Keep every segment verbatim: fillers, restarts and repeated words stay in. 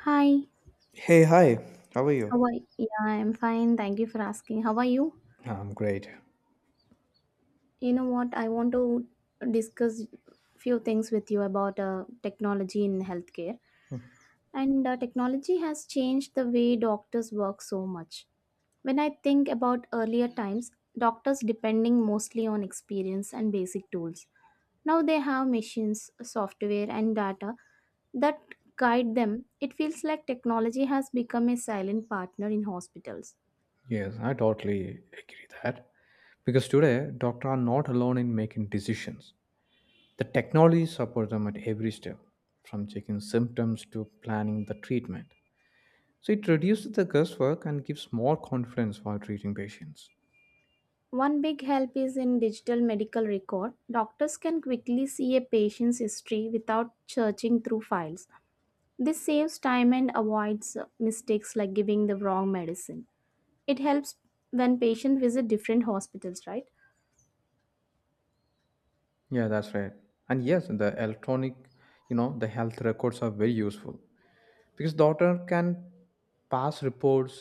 Hi, Hey, hi. How are how you? are you? Yeah, I'm fine. Thank you for asking. How are you? I'm great. You know what? I want to discuss few things with you about uh, technology in healthcare. And uh, technology has changed the way doctors work so much. When I think about earlier times, doctors depending mostly on experience and basic tools. Now they have machines, software, and data that guide them. It feels like technology has become a silent partner in hospitals. Yes, I totally agree that. Because today, doctors are not alone in making decisions. The technology supports them at every step, from checking symptoms to planning the treatment. So it reduces the guesswork and gives more confidence while treating patients. One big help is in digital medical record. Doctors can quickly see a patient's history without searching through files. This saves time and avoids uh, mistakes like giving the wrong medicine. It helps when patients visit different hospitals, right? Yeah, that's right. And yes, the electronic, you know, the health records are very useful. Because daughter can pass reports,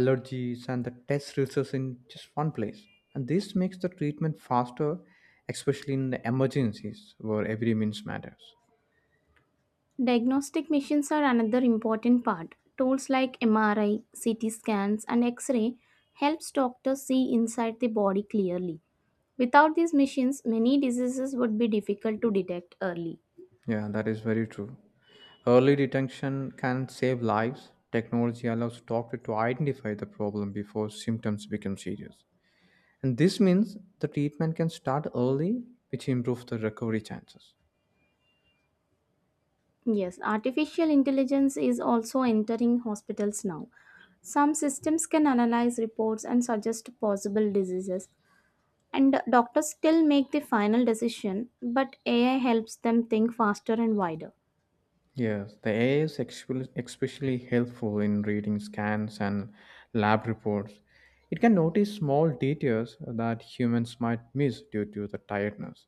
allergies, and the test results in just one place, and this makes the treatment faster, especially in the emergencies where every means matters. Diagnostic machines are another important part. Tools like M R I, C T scans, and X-ray helps doctors see inside the body clearly. Without these machines, many diseases would be difficult to detect early. Yeah, that is very true. Early detection can save lives. Technology allows doctor to identify the problem before symptoms become serious, and this means the treatment can start early, which improves the recovery chances. Yes, artificial intelligence is also entering hospitals now. Some systems can analyze reports and suggest possible diseases, and doctors still make the final decision, but A I helps them think faster and wider. Yes, the A I is expe- especially helpful in reading scans and lab reports. It can notice small details that humans might miss due to the tiredness,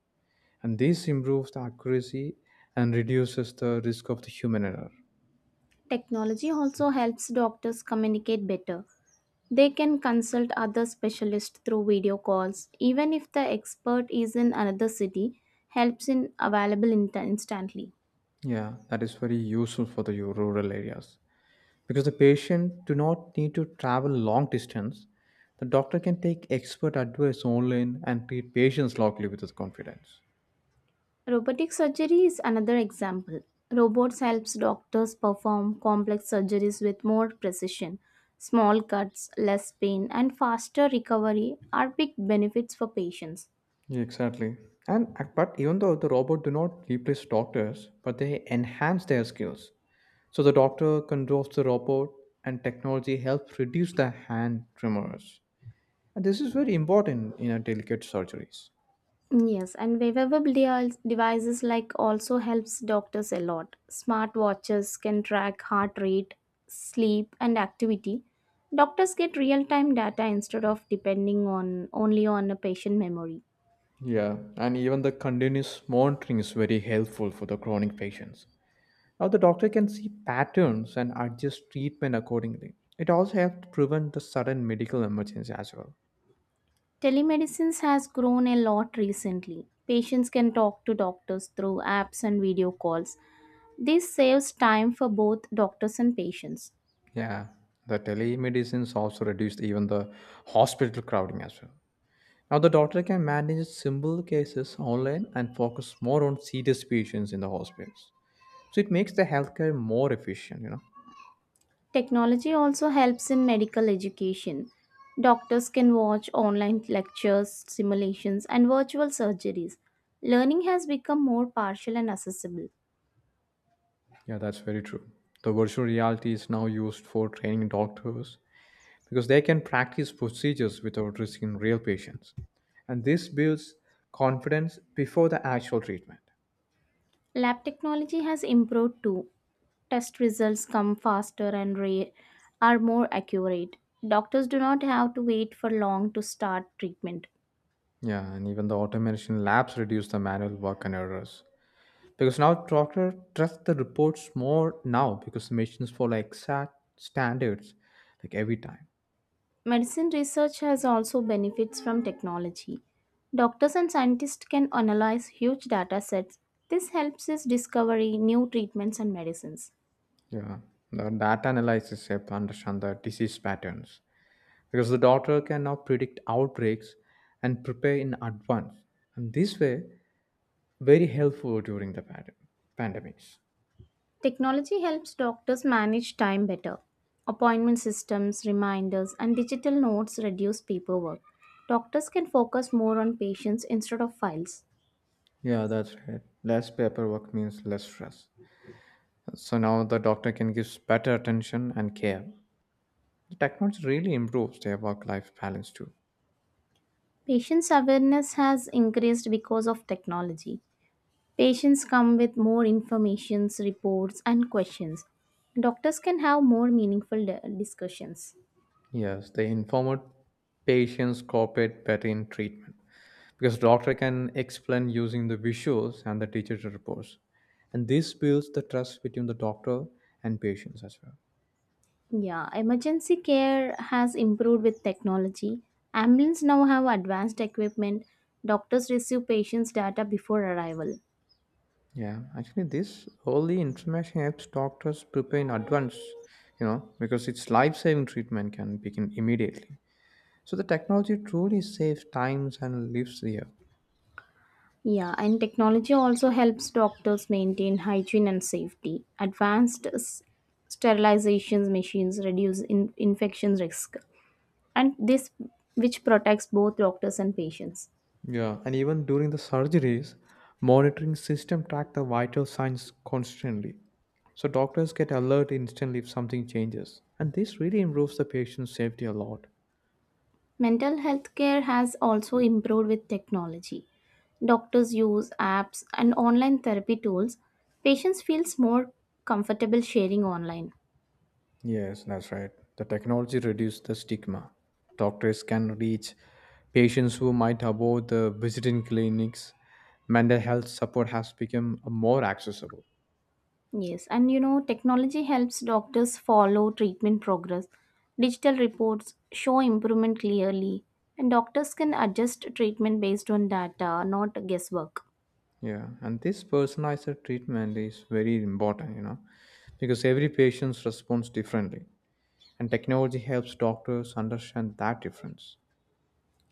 and this improves the accuracy and reduces the risk of the human error. Technology also helps doctors communicate better. They can consult other specialists through video calls, even if the expert is in another city, helps in available insta- instantly. Yeah, that is very useful for the rural areas because the patient do not need to travel long distance. The doctor can take expert advice online and treat patients locally with confidence. Robotic surgery is another example. Robots helps doctors perform complex surgeries with more precision. Small cuts, less pain, and faster recovery are big benefits for patients. Yeah, exactly. And but even though the robot do not replace doctors, but they enhance their skills. So the doctor controls the robot, and technology helps reduce the hand tremors. And this is very important in a delicate surgeries. Yes, and wearable de- devices like also helps doctors a lot. Smart watches can track heart rate, sleep, and activity. Doctors get real-time data instead of depending on only on a patient memory. Yeah, and even the continuous monitoring is very helpful for the chronic patients. Now, the doctor can see patterns and adjust treatment accordingly. It also helps prevent the sudden medical emergency as well. Telemedicine has grown a lot recently. Patients can talk to doctors through apps and video calls. This saves time for both doctors and patients. Yeah, the telemedicines also reduced even the hospital crowding as well. Now the doctor can manage simple cases online and focus more on serious patients in the hospitals. So it makes the healthcare more efficient, you know. Technology also helps in medical education. Doctors can watch online lectures, simulations, and virtual surgeries. Learning has become more partial and accessible. Yeah, that's very true. The virtual reality is now used for training doctors because they can practice procedures without risking real patients. And this builds confidence before the actual treatment. Lab technology has improved too. Test results come faster and ra- are more accurate. Doctors do not have to wait for long to start treatment. Yeah, and even the automation labs reduce the manual work and errors. Because now doctor trust the reports more now because the machines follow exact standards like every time. Medicine research has also benefits from technology. Doctors and scientists can analyze huge data sets. This helps us discovery new treatments and medicines. Yeah. The data analysis help understand the disease patterns because the doctor can now predict outbreaks and prepare in advance. And this way, very helpful during the pand- pandemics. Technology helps doctors manage time better. Appointment systems, reminders, and digital notes reduce paperwork. Doctors can focus more on patients instead of files. Yeah, that's right. Less paperwork means less stress. So now the doctor can give better attention and care. The technology really improves their work life balance too. Patients' awareness has increased because of technology. Patients come with more informations, reports, and questions. Doctors can have more meaningful di- discussions. Yes, they informed patients cooperate better in treatment because doctor can explain using the visuals and the digital reports, and this builds the trust between the doctor and patients as well. Yeah, emergency care has improved with technology. Ambulances now have advanced equipment. Doctors receive patients' data before arrival. Yeah, actually, this early information helps doctors prepare in advance, you know, because its life-saving treatment can begin immediately. So the technology truly saves times and lives here. Yeah, and technology also helps doctors maintain hygiene and safety. Advanced s- sterilizations machines reduce in- infection risk, and this which protects both doctors and patients. Yeah, and even during the surgeries, monitoring system track the vital signs constantly. So doctors get alert instantly if something changes. And this really improves the patient's safety a lot. Mental health care has also improved with technology. Doctors use apps and online therapy tools. Patients feels more comfortable sharing online. Yes, that's right. The technology reduced the stigma. Doctors can reach patients who might avoid the visiting clinics. Mental health support has become more accessible. Yes, and you know technology helps doctors follow treatment progress. Digital reports show improvement clearly, and doctors can adjust treatment based on data, not guesswork. Yeah, and this personalized treatment is very important, you know, because every patient responds differently. And technology helps doctors understand that difference.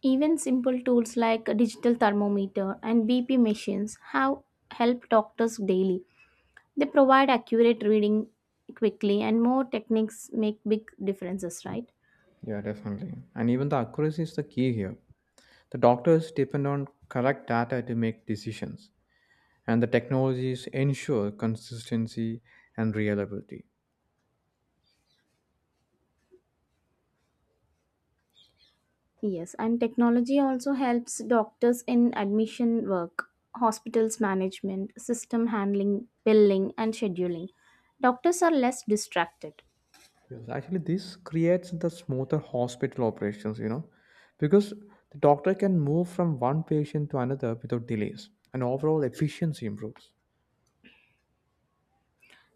Even simple tools like a digital thermometer and B P machines have helped doctors daily. They provide accurate reading quickly, and more techniques make big differences, right? Yeah, definitely. And even the accuracy is the key here. The doctors depend on correct data to make decisions, and the technologies ensure consistency and reliability. Yes, and technology also helps doctors in admission work, hospitals management, system handling, billing and scheduling. Doctors are less distracted. Yes, actually, this creates the smoother hospital operations, you know, because the doctor can move from one patient to another without delays, and overall efficiency improves.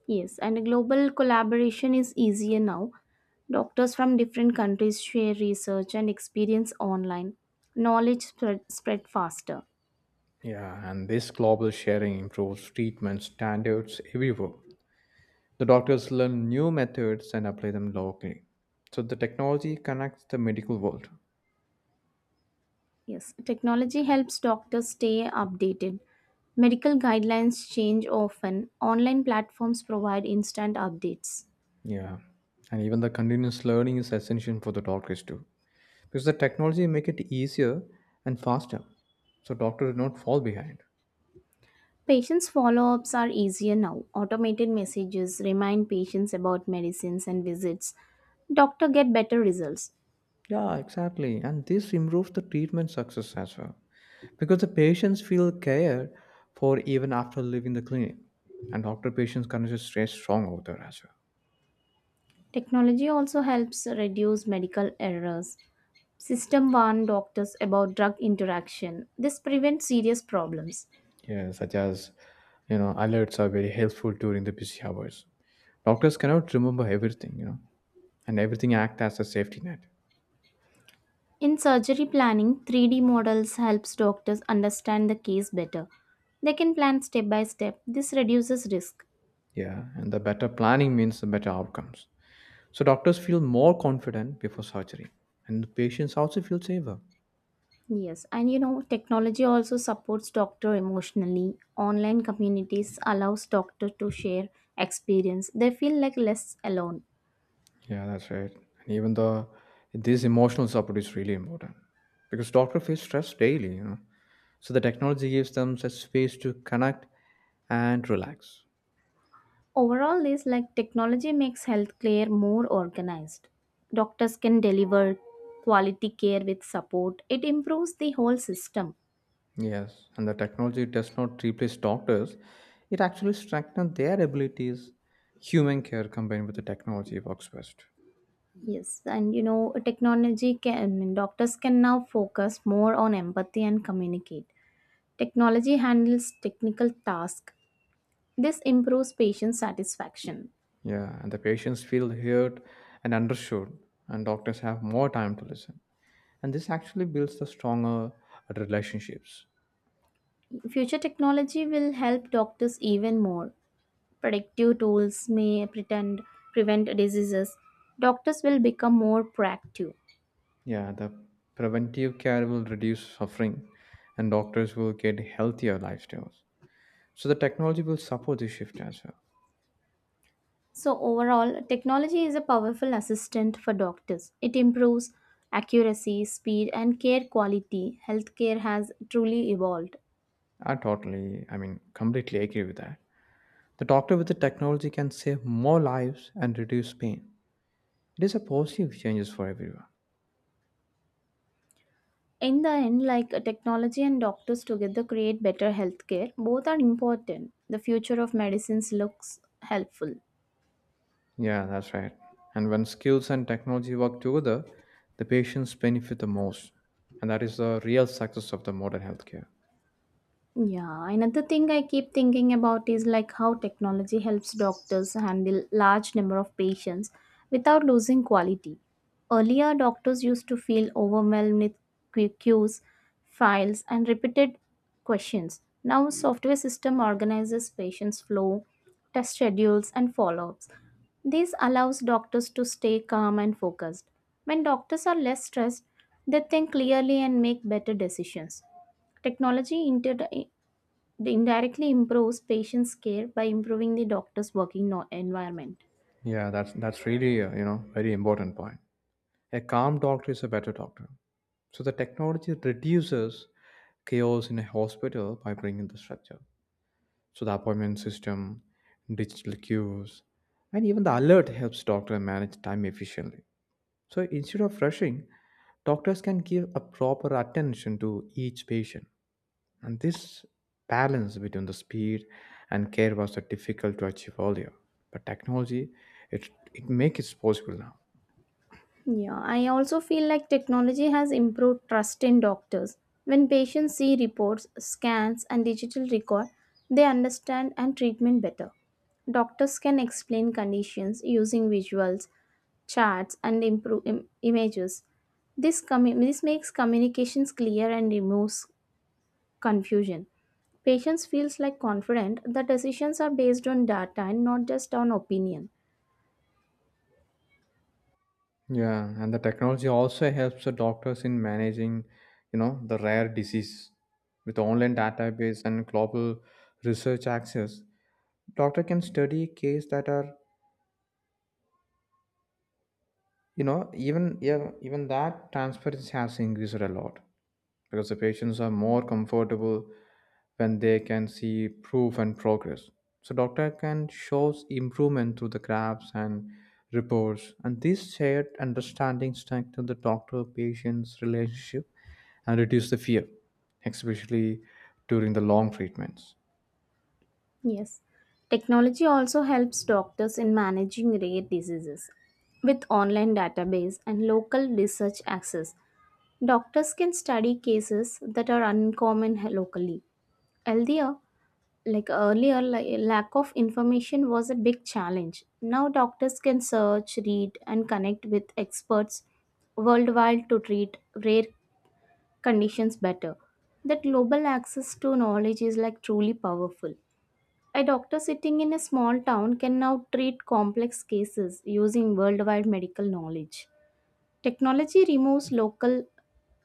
Yes, and global collaboration is easier now. Doctors from different countries share research and experience online. Knowledge spread, spread faster. Yeah, and this global sharing improves treatment standards everywhere. The doctors learn new methods and apply them locally. So the technology connects the medical world. Yes, technology helps doctors stay updated. Medical guidelines change often. Online platforms provide instant updates. Yeah. And even the continuous learning is essential for the doctors too. Because the technology make it easier and faster. So doctors do not fall behind. Patients' follow ups are easier now. Automated messages remind patients about medicines and visits. Doctor get better results. Yeah, exactly. And this improves the treatment success as well. Because the patients feel cared for even after leaving the clinic. And doctor patients connection stays strong over there as well. Technology also helps reduce medical errors. System warn doctors about drug interaction. This prevents serious problems. Yeah, such as, you know, alerts are very helpful during the busy hours. Doctors cannot remember everything, you know, and everything act as a safety net. In surgery planning, three D models helps doctors understand the case better. They can plan step by step. This reduces risk. Yeah, and the better planning means the better outcomes. So doctors feel more confident before surgery, and the patients also feel safer. Yes, and you know, technology also supports doctor emotionally. Online communities allows doctor to share experience. They feel like less alone. Yeah, that's right. And even the this emotional support is really important because doctor face stress daily, you know. So the technology gives them such space to connect and relax. Overall, this like technology makes healthcare more organized. Doctors can deliver quality care with support. It improves the whole system. Yes, and the technology does not replace doctors, it actually strengthens their abilities. Human care combined with the technology works best. Yes, and you know, technology can I mean, doctors can now focus more on empathy and communicate. Technology handles technical tasks. This improves patient satisfaction. Yeah, and the patients feel heard and understood, and doctors have more time to listen. And this actually builds the stronger relationships. Future technology will help doctors even more. Predictive tools may pretend prevent diseases. Doctors will become more proactive. Yeah, the preventive care will reduce suffering, and doctors will get healthier lifestyles. So the technology will support this shift as well. So, overall, technology is a powerful assistant for doctors. It improves accuracy, speed, and care quality. Healthcare has truly evolved. I totally, I mean, completely agree with that. The doctor with the technology can save more lives and reduce pain. It is a positive changes for everyone. In the end, like technology and doctors together create better healthcare, both are important. The future of medicines looks helpful. Yeah, that's right. And when skills and technology work together, the patients benefit the most. And that is the real success of the modern healthcare. Yeah, another thing I keep thinking about is like how technology helps doctors handle large number of patients without losing quality. Earlier, doctors used to feel overwhelmed with que- queues, files, and repeated questions. Now, software system organizes patients' flow, test schedules, and follow-ups. This allows doctors to stay calm and focused. When doctors are less stressed, they think clearly and make better decisions. Technology inter- they indirectly improves patients' care by improving the doctor's working no- environment. Yeah, that's that's really uh, you know, very important point. A calm doctor is a better doctor. So the technology reduces chaos in a hospital by bringing the structure. So the appointment system, digital queues, and even the alert helps doctor manage time efficiently. So instead of rushing, doctors can give a proper attention to each patient. And this balance between the speed and care was uh, difficult to achieve earlier. But technology, it it makes it possible now. Yeah, I also feel like technology has improved trust in doctors. When patients see reports, scans, and digital record, they understand and treatment better. Doctors can explain conditions using visuals, charts, and improve im- images. This, commu- this makes communications clear and removes confusion. Patients feels like confident that decisions are based on data and not just on opinion. Yeah, and the technology also helps the doctors in managing, you know, the rare disease with online database and global research access. Doctor can study cases that are, you know, even yeah, even that transparency has increased a lot because the patients are more comfortable when they can see proof and progress. So doctor can shows improvement through the graphs and reports, and this shared understanding strengthen the doctor patient's relationship and reduce the fear, especially during the long treatments. Yes. Technology also helps doctors in managing rare diseases. With online database and local research access, doctors can study cases that are uncommon locally. Earlier, like earlier, li- Lack of information was a big challenge. Now doctors can search, read, and connect with experts worldwide to treat rare conditions better. That global access to knowledge is like truly powerful. A doctor sitting in a small town can now treat complex cases using worldwide medical knowledge. Technology removes local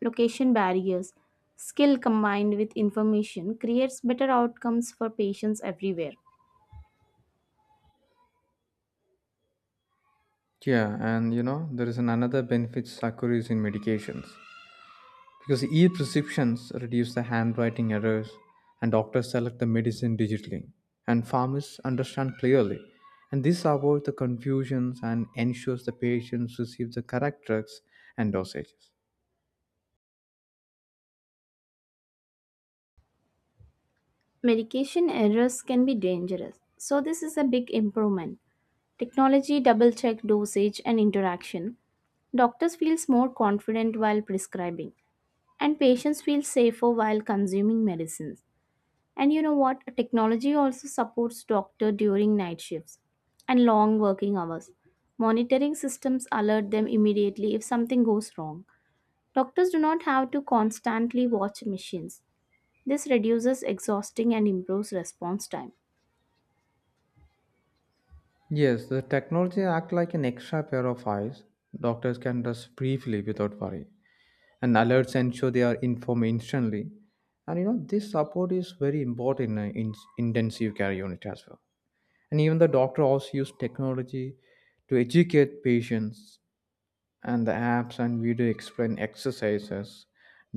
location barriers. Skill combined with information creates better outcomes for patients everywhere. Yeah, and you know there is an another benefits accrues in medications because e-prescriptions reduce the handwriting errors, and doctors select the medicine digitally, and farmers understand clearly, and this avoids the confusions and ensures the patients receive the correct drugs and dosages. Medication errors can be dangerous, so this is a big improvement. Technology double check dosage and interaction. Doctors feels more confident while prescribing, and patients feel safer while consuming medicines. And you know what? Technology also supports doctor during night shifts and long working hours. Monitoring systems alert them immediately if something goes wrong. Doctors do not have to constantly watch machines. This reduces exhausting and improves response time. Yes, the technology act like an extra pair of eyes. Doctors can just briefly without worry, and alerts ensure they are informed instantly. And you know this support is very important in in intensive care unit as well. And even the doctor also used technology to educate patients, and the apps and video explain exercises,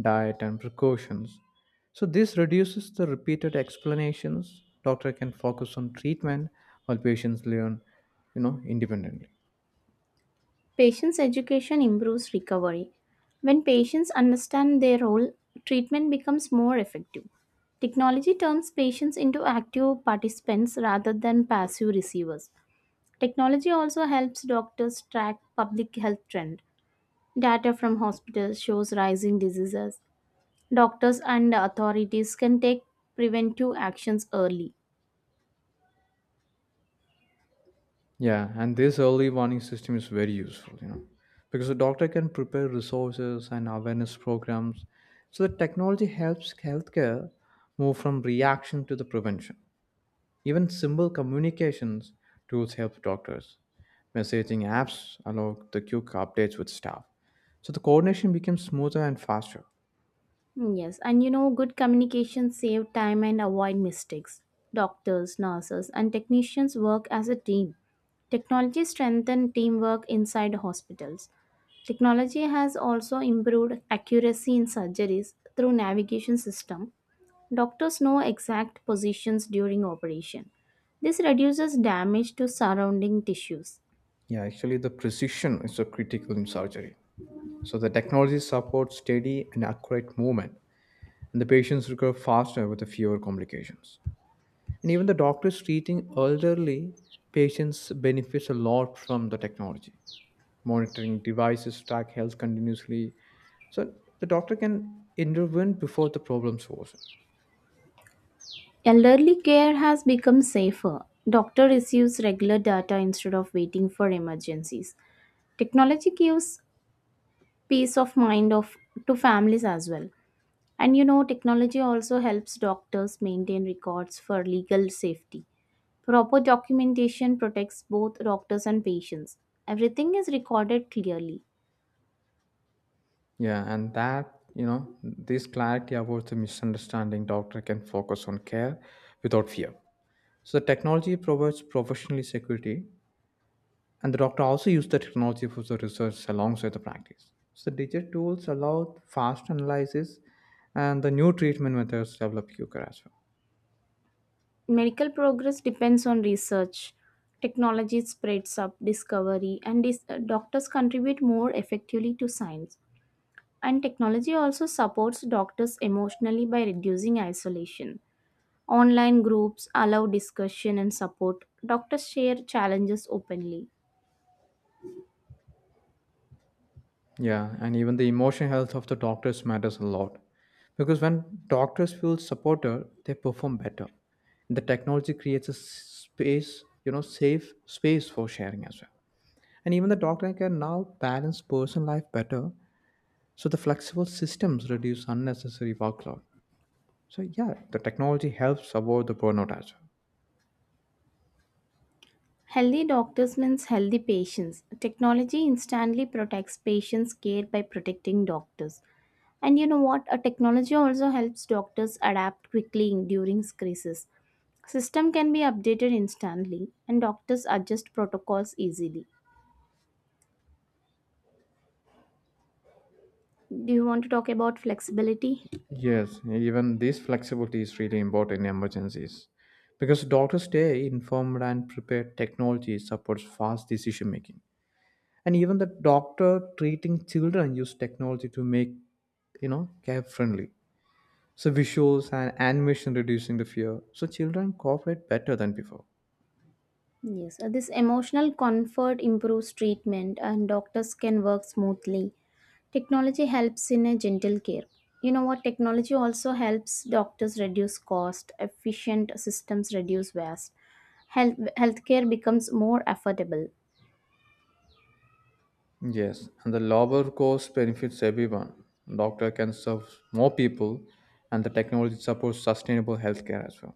diet, and precautions. So this reduces the repeated explanations. Doctor can focus on treatment while patients learn, you know, independently. Patients' education improves recovery. When patients understand their role, treatment becomes more effective. Technology turns patients into active participants rather than passive receivers. Technology also helps doctors track public health trend. Data from hospitals shows rising diseases. Doctors and authorities can take preventive actions early. Yeah, and this early warning system is very useful, you know, because the doctor can prepare resources and awareness programs. So the technology helps healthcare move from reaction to the prevention. Even simple communications tools help doctors. Messaging apps allow the quick updates with staff. So the coordination becomes smoother and faster. Yes, and you know, good communication save time and avoid mistakes. Doctors, nurses, and technicians work as a team. Technology strengthened teamwork inside hospitals. Technology has also improved accuracy in surgeries through navigation system. Doctors know exact positions during operation. This reduces damage to surrounding tissues. Yeah, actually, the precision is so critical in surgery. So the technology supports steady and accurate movement, and the patients recover faster with fewer complications. And even the doctors treating elderly patients benefits a lot from the technology. Monitoring devices track health continuously, so the doctor can intervene before the problems worsen. Elderly care has become safer. Doctor receives regular data instead of waiting for emergencies. Technology gives peace of mind of to families as well. And you know, technology also helps doctors maintain records for legal safety. Proper documentation protects both doctors and patients. Everything is recorded clearly. Yeah, and that you know this clarity avoids the misunderstanding, doctor can focus on care without fear. So the technology provides professional security, and the doctor also use the technology for the research alongside the practice. So digital tools allow fast analysis, and the new treatment methods develop quicker as well. Medical progress depends on research. Technology spreads up discovery, and dis- uh, doctors contribute more effectively to science. And technology also supports doctors emotionally by reducing isolation. Online groups allow discussion and support. Doctors share challenges openly. Yeah, and even the emotional health of the doctors matters a lot. Because when doctors feel supported, they perform better. And the technology creates a s- space, you know, safe space for sharing as well. And even the doctor can now balance personal life better. So the flexible systems reduce unnecessary workload. So yeah, the technology helps avoid the burnout as well. Healthy doctors means healthy patients. Technology instantly protects patients' care by protecting doctors. And you know what? A technology also helps doctors adapt quickly in- during crises. System can be updated instantly, and doctors adjust protocols easily. Do you want to talk about flexibility? Yes, even this flexibility is really important in emergencies because doctors stay informed and prepared. Technology supports fast decision making, and even the doctor treating children use technology to make, you know, care friendly. So visuals and animation reducing the fear, so children cooperate better than before. Yes, uh, this emotional comfort improves treatment, and doctors can work smoothly. Technology helps in a gentle care. You know what? Technology also helps doctors reduce cost, efficient systems reduce waste, health healthcare becomes more affordable. Yes, and the lower cost benefits everyone. Doctor can serve more people, and the technology supports sustainable healthcare as well.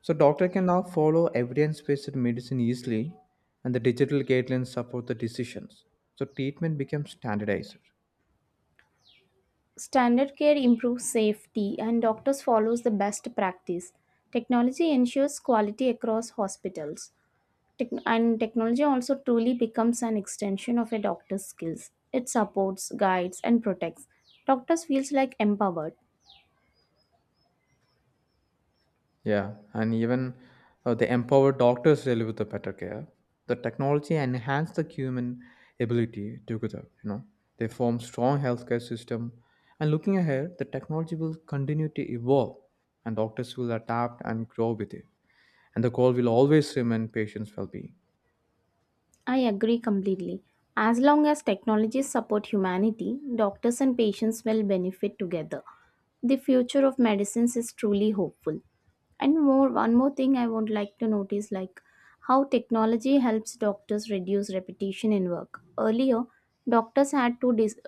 So doctor can now follow evidence-based medicine easily and the digital guidelines support the decisions. So treatment becomes standardized. Standard care improves safety and doctors follows the best practice. Technology ensures quality across hospitals. Tech- and technology also truly becomes an extension of a doctor's skills. It supports, guides and protects. Doctors feels like empowered. Yeah, and even uh, the empowered doctors deliver the better care. The technology enhance the human ability together, you know. They form strong healthcare system. And looking ahead, the technology will continue to evolve and doctors will adapt and grow with it. And the goal will always remain patients' well-being. I agree completely. As long as technologies support humanity, doctors and patients will benefit together. The future of medicines is truly hopeful. And more one more thing I would like to notice like how technology helps doctors reduce repetition in work. Earlier, doctors had to dis-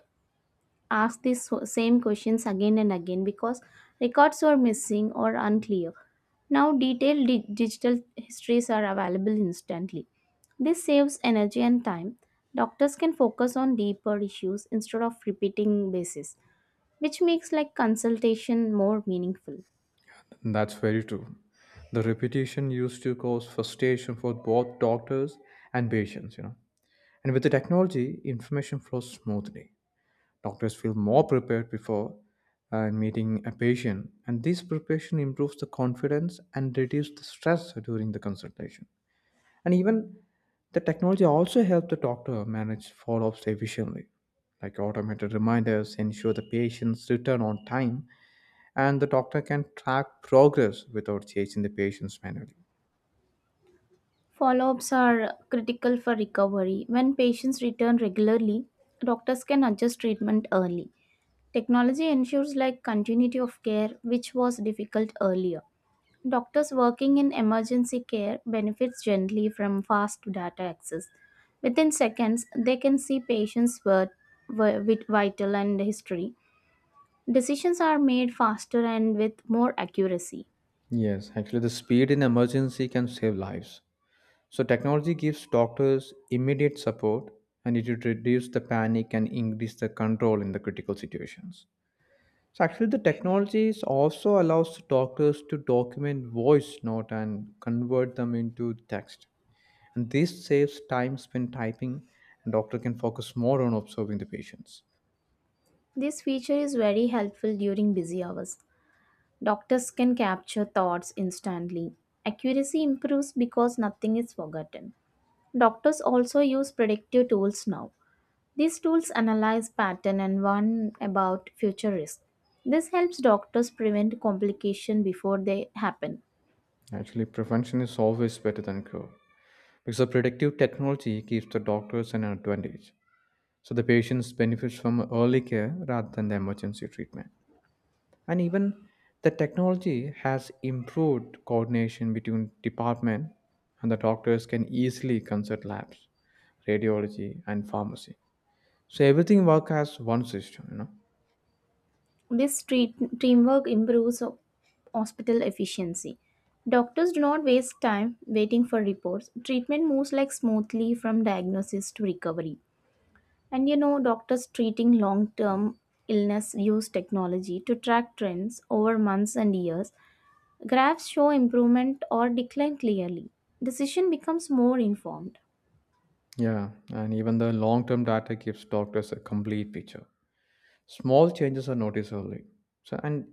ask these so- same questions again and again because records were missing or unclear. Now, detailed di- digital histories are available instantly. This saves energy and time. Doctors can focus on deeper issues instead of repeating bases, which makes like consultation more meaningful. That's very true. The repetition used to cause frustration for both doctors and patients, you know. And with the technology, information flows smoothly. Doctors feel more prepared before uh, meeting a patient, and this preparation improves the confidence and reduces the stress during the consultation. And even the technology also helps the doctor manage follow ups efficiently, like automated reminders ensure the patients return on time and the doctor can track progress without chasing the patients manually. Follow-ups are critical for recovery. When patients return regularly, doctors can adjust treatment early. Technology ensures like continuity of care which was difficult earlier. Doctors working in emergency care benefits greatly from fast data access. Within seconds, they can see patients' birth, vi- with vital and history. Decisions are made faster and with more accuracy. Yes, actually, the speed in emergency can save lives. So, technology gives doctors immediate support and it would reduce the panic and increase the control in the critical situations. So, actually, the technologies also allows doctors to document voice note and convert them into text. And this saves time spent typing, and doctor can focus more on observing the patients. This feature is very helpful during busy hours. Doctors can capture thoughts instantly. Accuracy improves because nothing is forgotten. Doctors also use predictive tools now. These tools analyze pattern and warn about future risk. This helps doctors prevent complication before they happen. Actually, prevention is always better than cure. Because the predictive technology gives the doctors an advantage. So the patients benefit from early care rather than the emergency treatment. And even the technology has improved coordination between department and the doctors can easily consult labs, radiology and pharmacy. So everything work as one system, you know. This treat- teamwork improves ho- hospital efficiency. Doctors do not waste time waiting for reports. Treatment moves like smoothly from diagnosis to recovery. And you know, doctors treating long-term illness use technology to track trends over months and years. Graphs show improvement or decline clearly. Decision becomes more informed. Yeah, and even the long-term data gives doctors a complete picture. Small changes are noticed early. So, and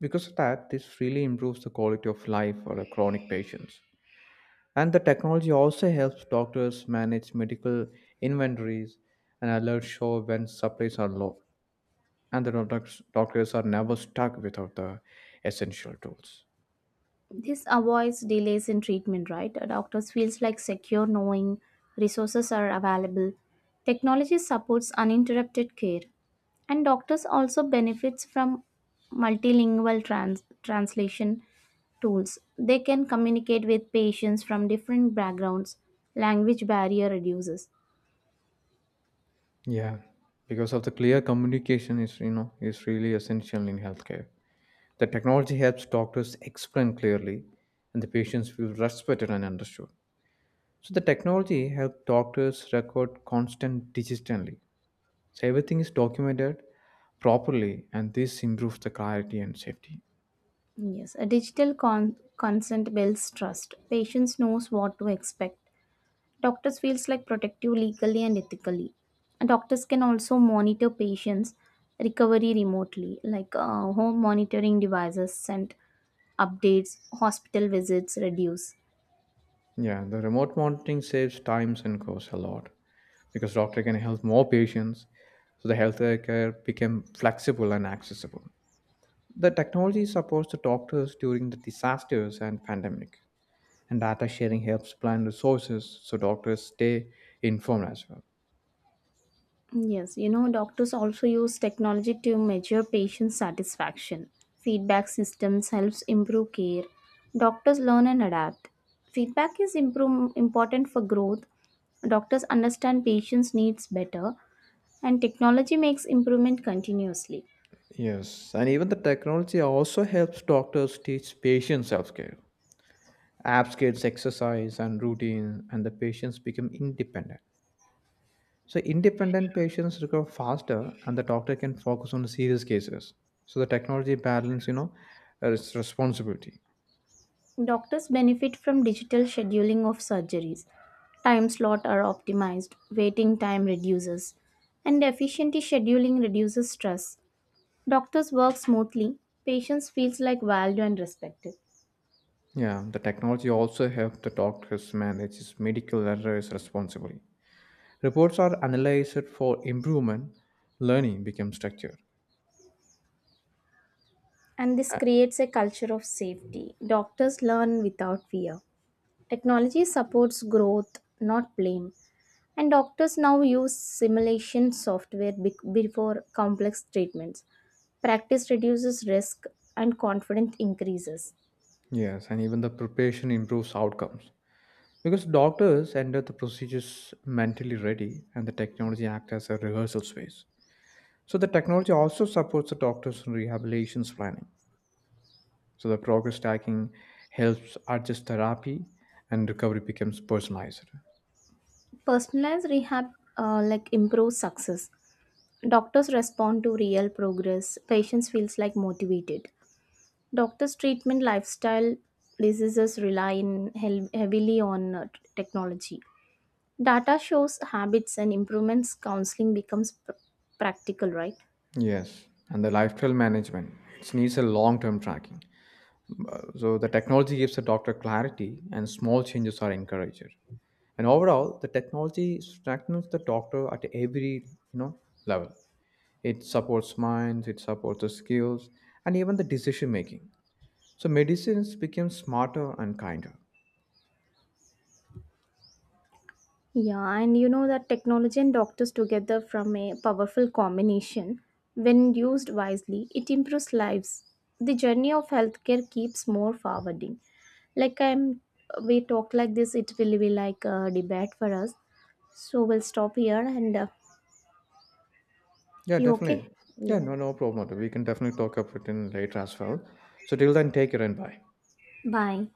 because of that, this really improves the quality of life for the chronic patients. And the technology also helps doctors manage medical inventories and alerts show when supplies are low. And the doctors, doctors are never stuck without the essential tools. This avoids delays in treatment, right? Doctors feels like secure knowing resources are available. Technology supports uninterrupted care, and doctors also benefits from multilingual trans- translation tools. They can communicate with patients from different backgrounds. Language barrier reduces. Yeah, because of the clear communication is you know is really essential in healthcare. The technology helps doctors explain clearly, and the patients feel respected and understood. So the technology helped doctors record constant digitally. So everything is documented properly and this improves the clarity and safety. Yes, a digital con- consent builds trust. Patients knows what to expect. Doctors feels like protective legally and ethically. And doctors can also monitor patients' recovery remotely, like uh, home monitoring devices send updates, hospital visits reduce. Yeah, the remote monitoring saves times and costs a lot because doctor can help more patients so the healthcare care became flexible and accessible. The technology supports the doctors during the disasters and pandemic and data sharing helps plan resources so doctors stay informed as well. Yes, you know, doctors also use technology to measure patient satisfaction. Feedback systems helps improve care. Doctors learn and adapt. Feedback is improve, important for growth. Doctors understand patients' needs better, and technology makes improvement continuously. Yes, and even the technology also helps doctors teach patients self care. Apps gives exercise and routine, and the patients become independent. So, independent patients recover faster, and the doctor can focus on the serious cases. So, the technology balance, you know, uh, its responsibility. Doctors benefit from digital scheduling of surgeries. Time slot are optimized, waiting time reduces, and efficient scheduling reduces stress. Doctors work smoothly, patients feels like valued and respected, Yeah, the technology also helps the doctors manage his medical errors responsibly. Reports are analyzed for improvement, learning becomes structured. and this Uh, creates a culture of safety. Doctors learn without fear. Technology supports growth, not blame, and doctors now use simulation software bec- before complex treatments. Practice reduces risk and confidence increases. Yes, and even the preparation improves outcomes. Because doctors enter the procedures mentally ready and the technology acts as a rehearsal space. So the technology also supports the doctors in rehabilitations planning. So the progress tracking helps adjust therapy and recovery becomes personalized. Personalized rehab uh, like improves success. Doctors respond to real progress. Patients feels like motivated. Doctors' treatment lifestyle diseases rely in hel- heavily on uh, t- technology. Data shows habits and improvements, counseling becomes pr- practical, right? Yes, and the lifestyle management it needs a long-term tracking. So the technology gives the doctor clarity and small changes are encouraged. And overall, the technology strengthens the doctor at every, you know, level. It supports minds, it supports the skills, and even the decision making. So medicines became smarter and kinder. Yeah, and you know that technology and doctors together form a powerful combination, when used wisely, it improves lives. The journey of healthcare keeps more forwarding. Like I'm, we talk like this, it will be like a debate for us. So we'll stop here and uh, Yeah, you okay? definitely. Yeah, Yeah. no, no problem at all. We can definitely talk about it in later as well. So till then, take care and bye. Bye.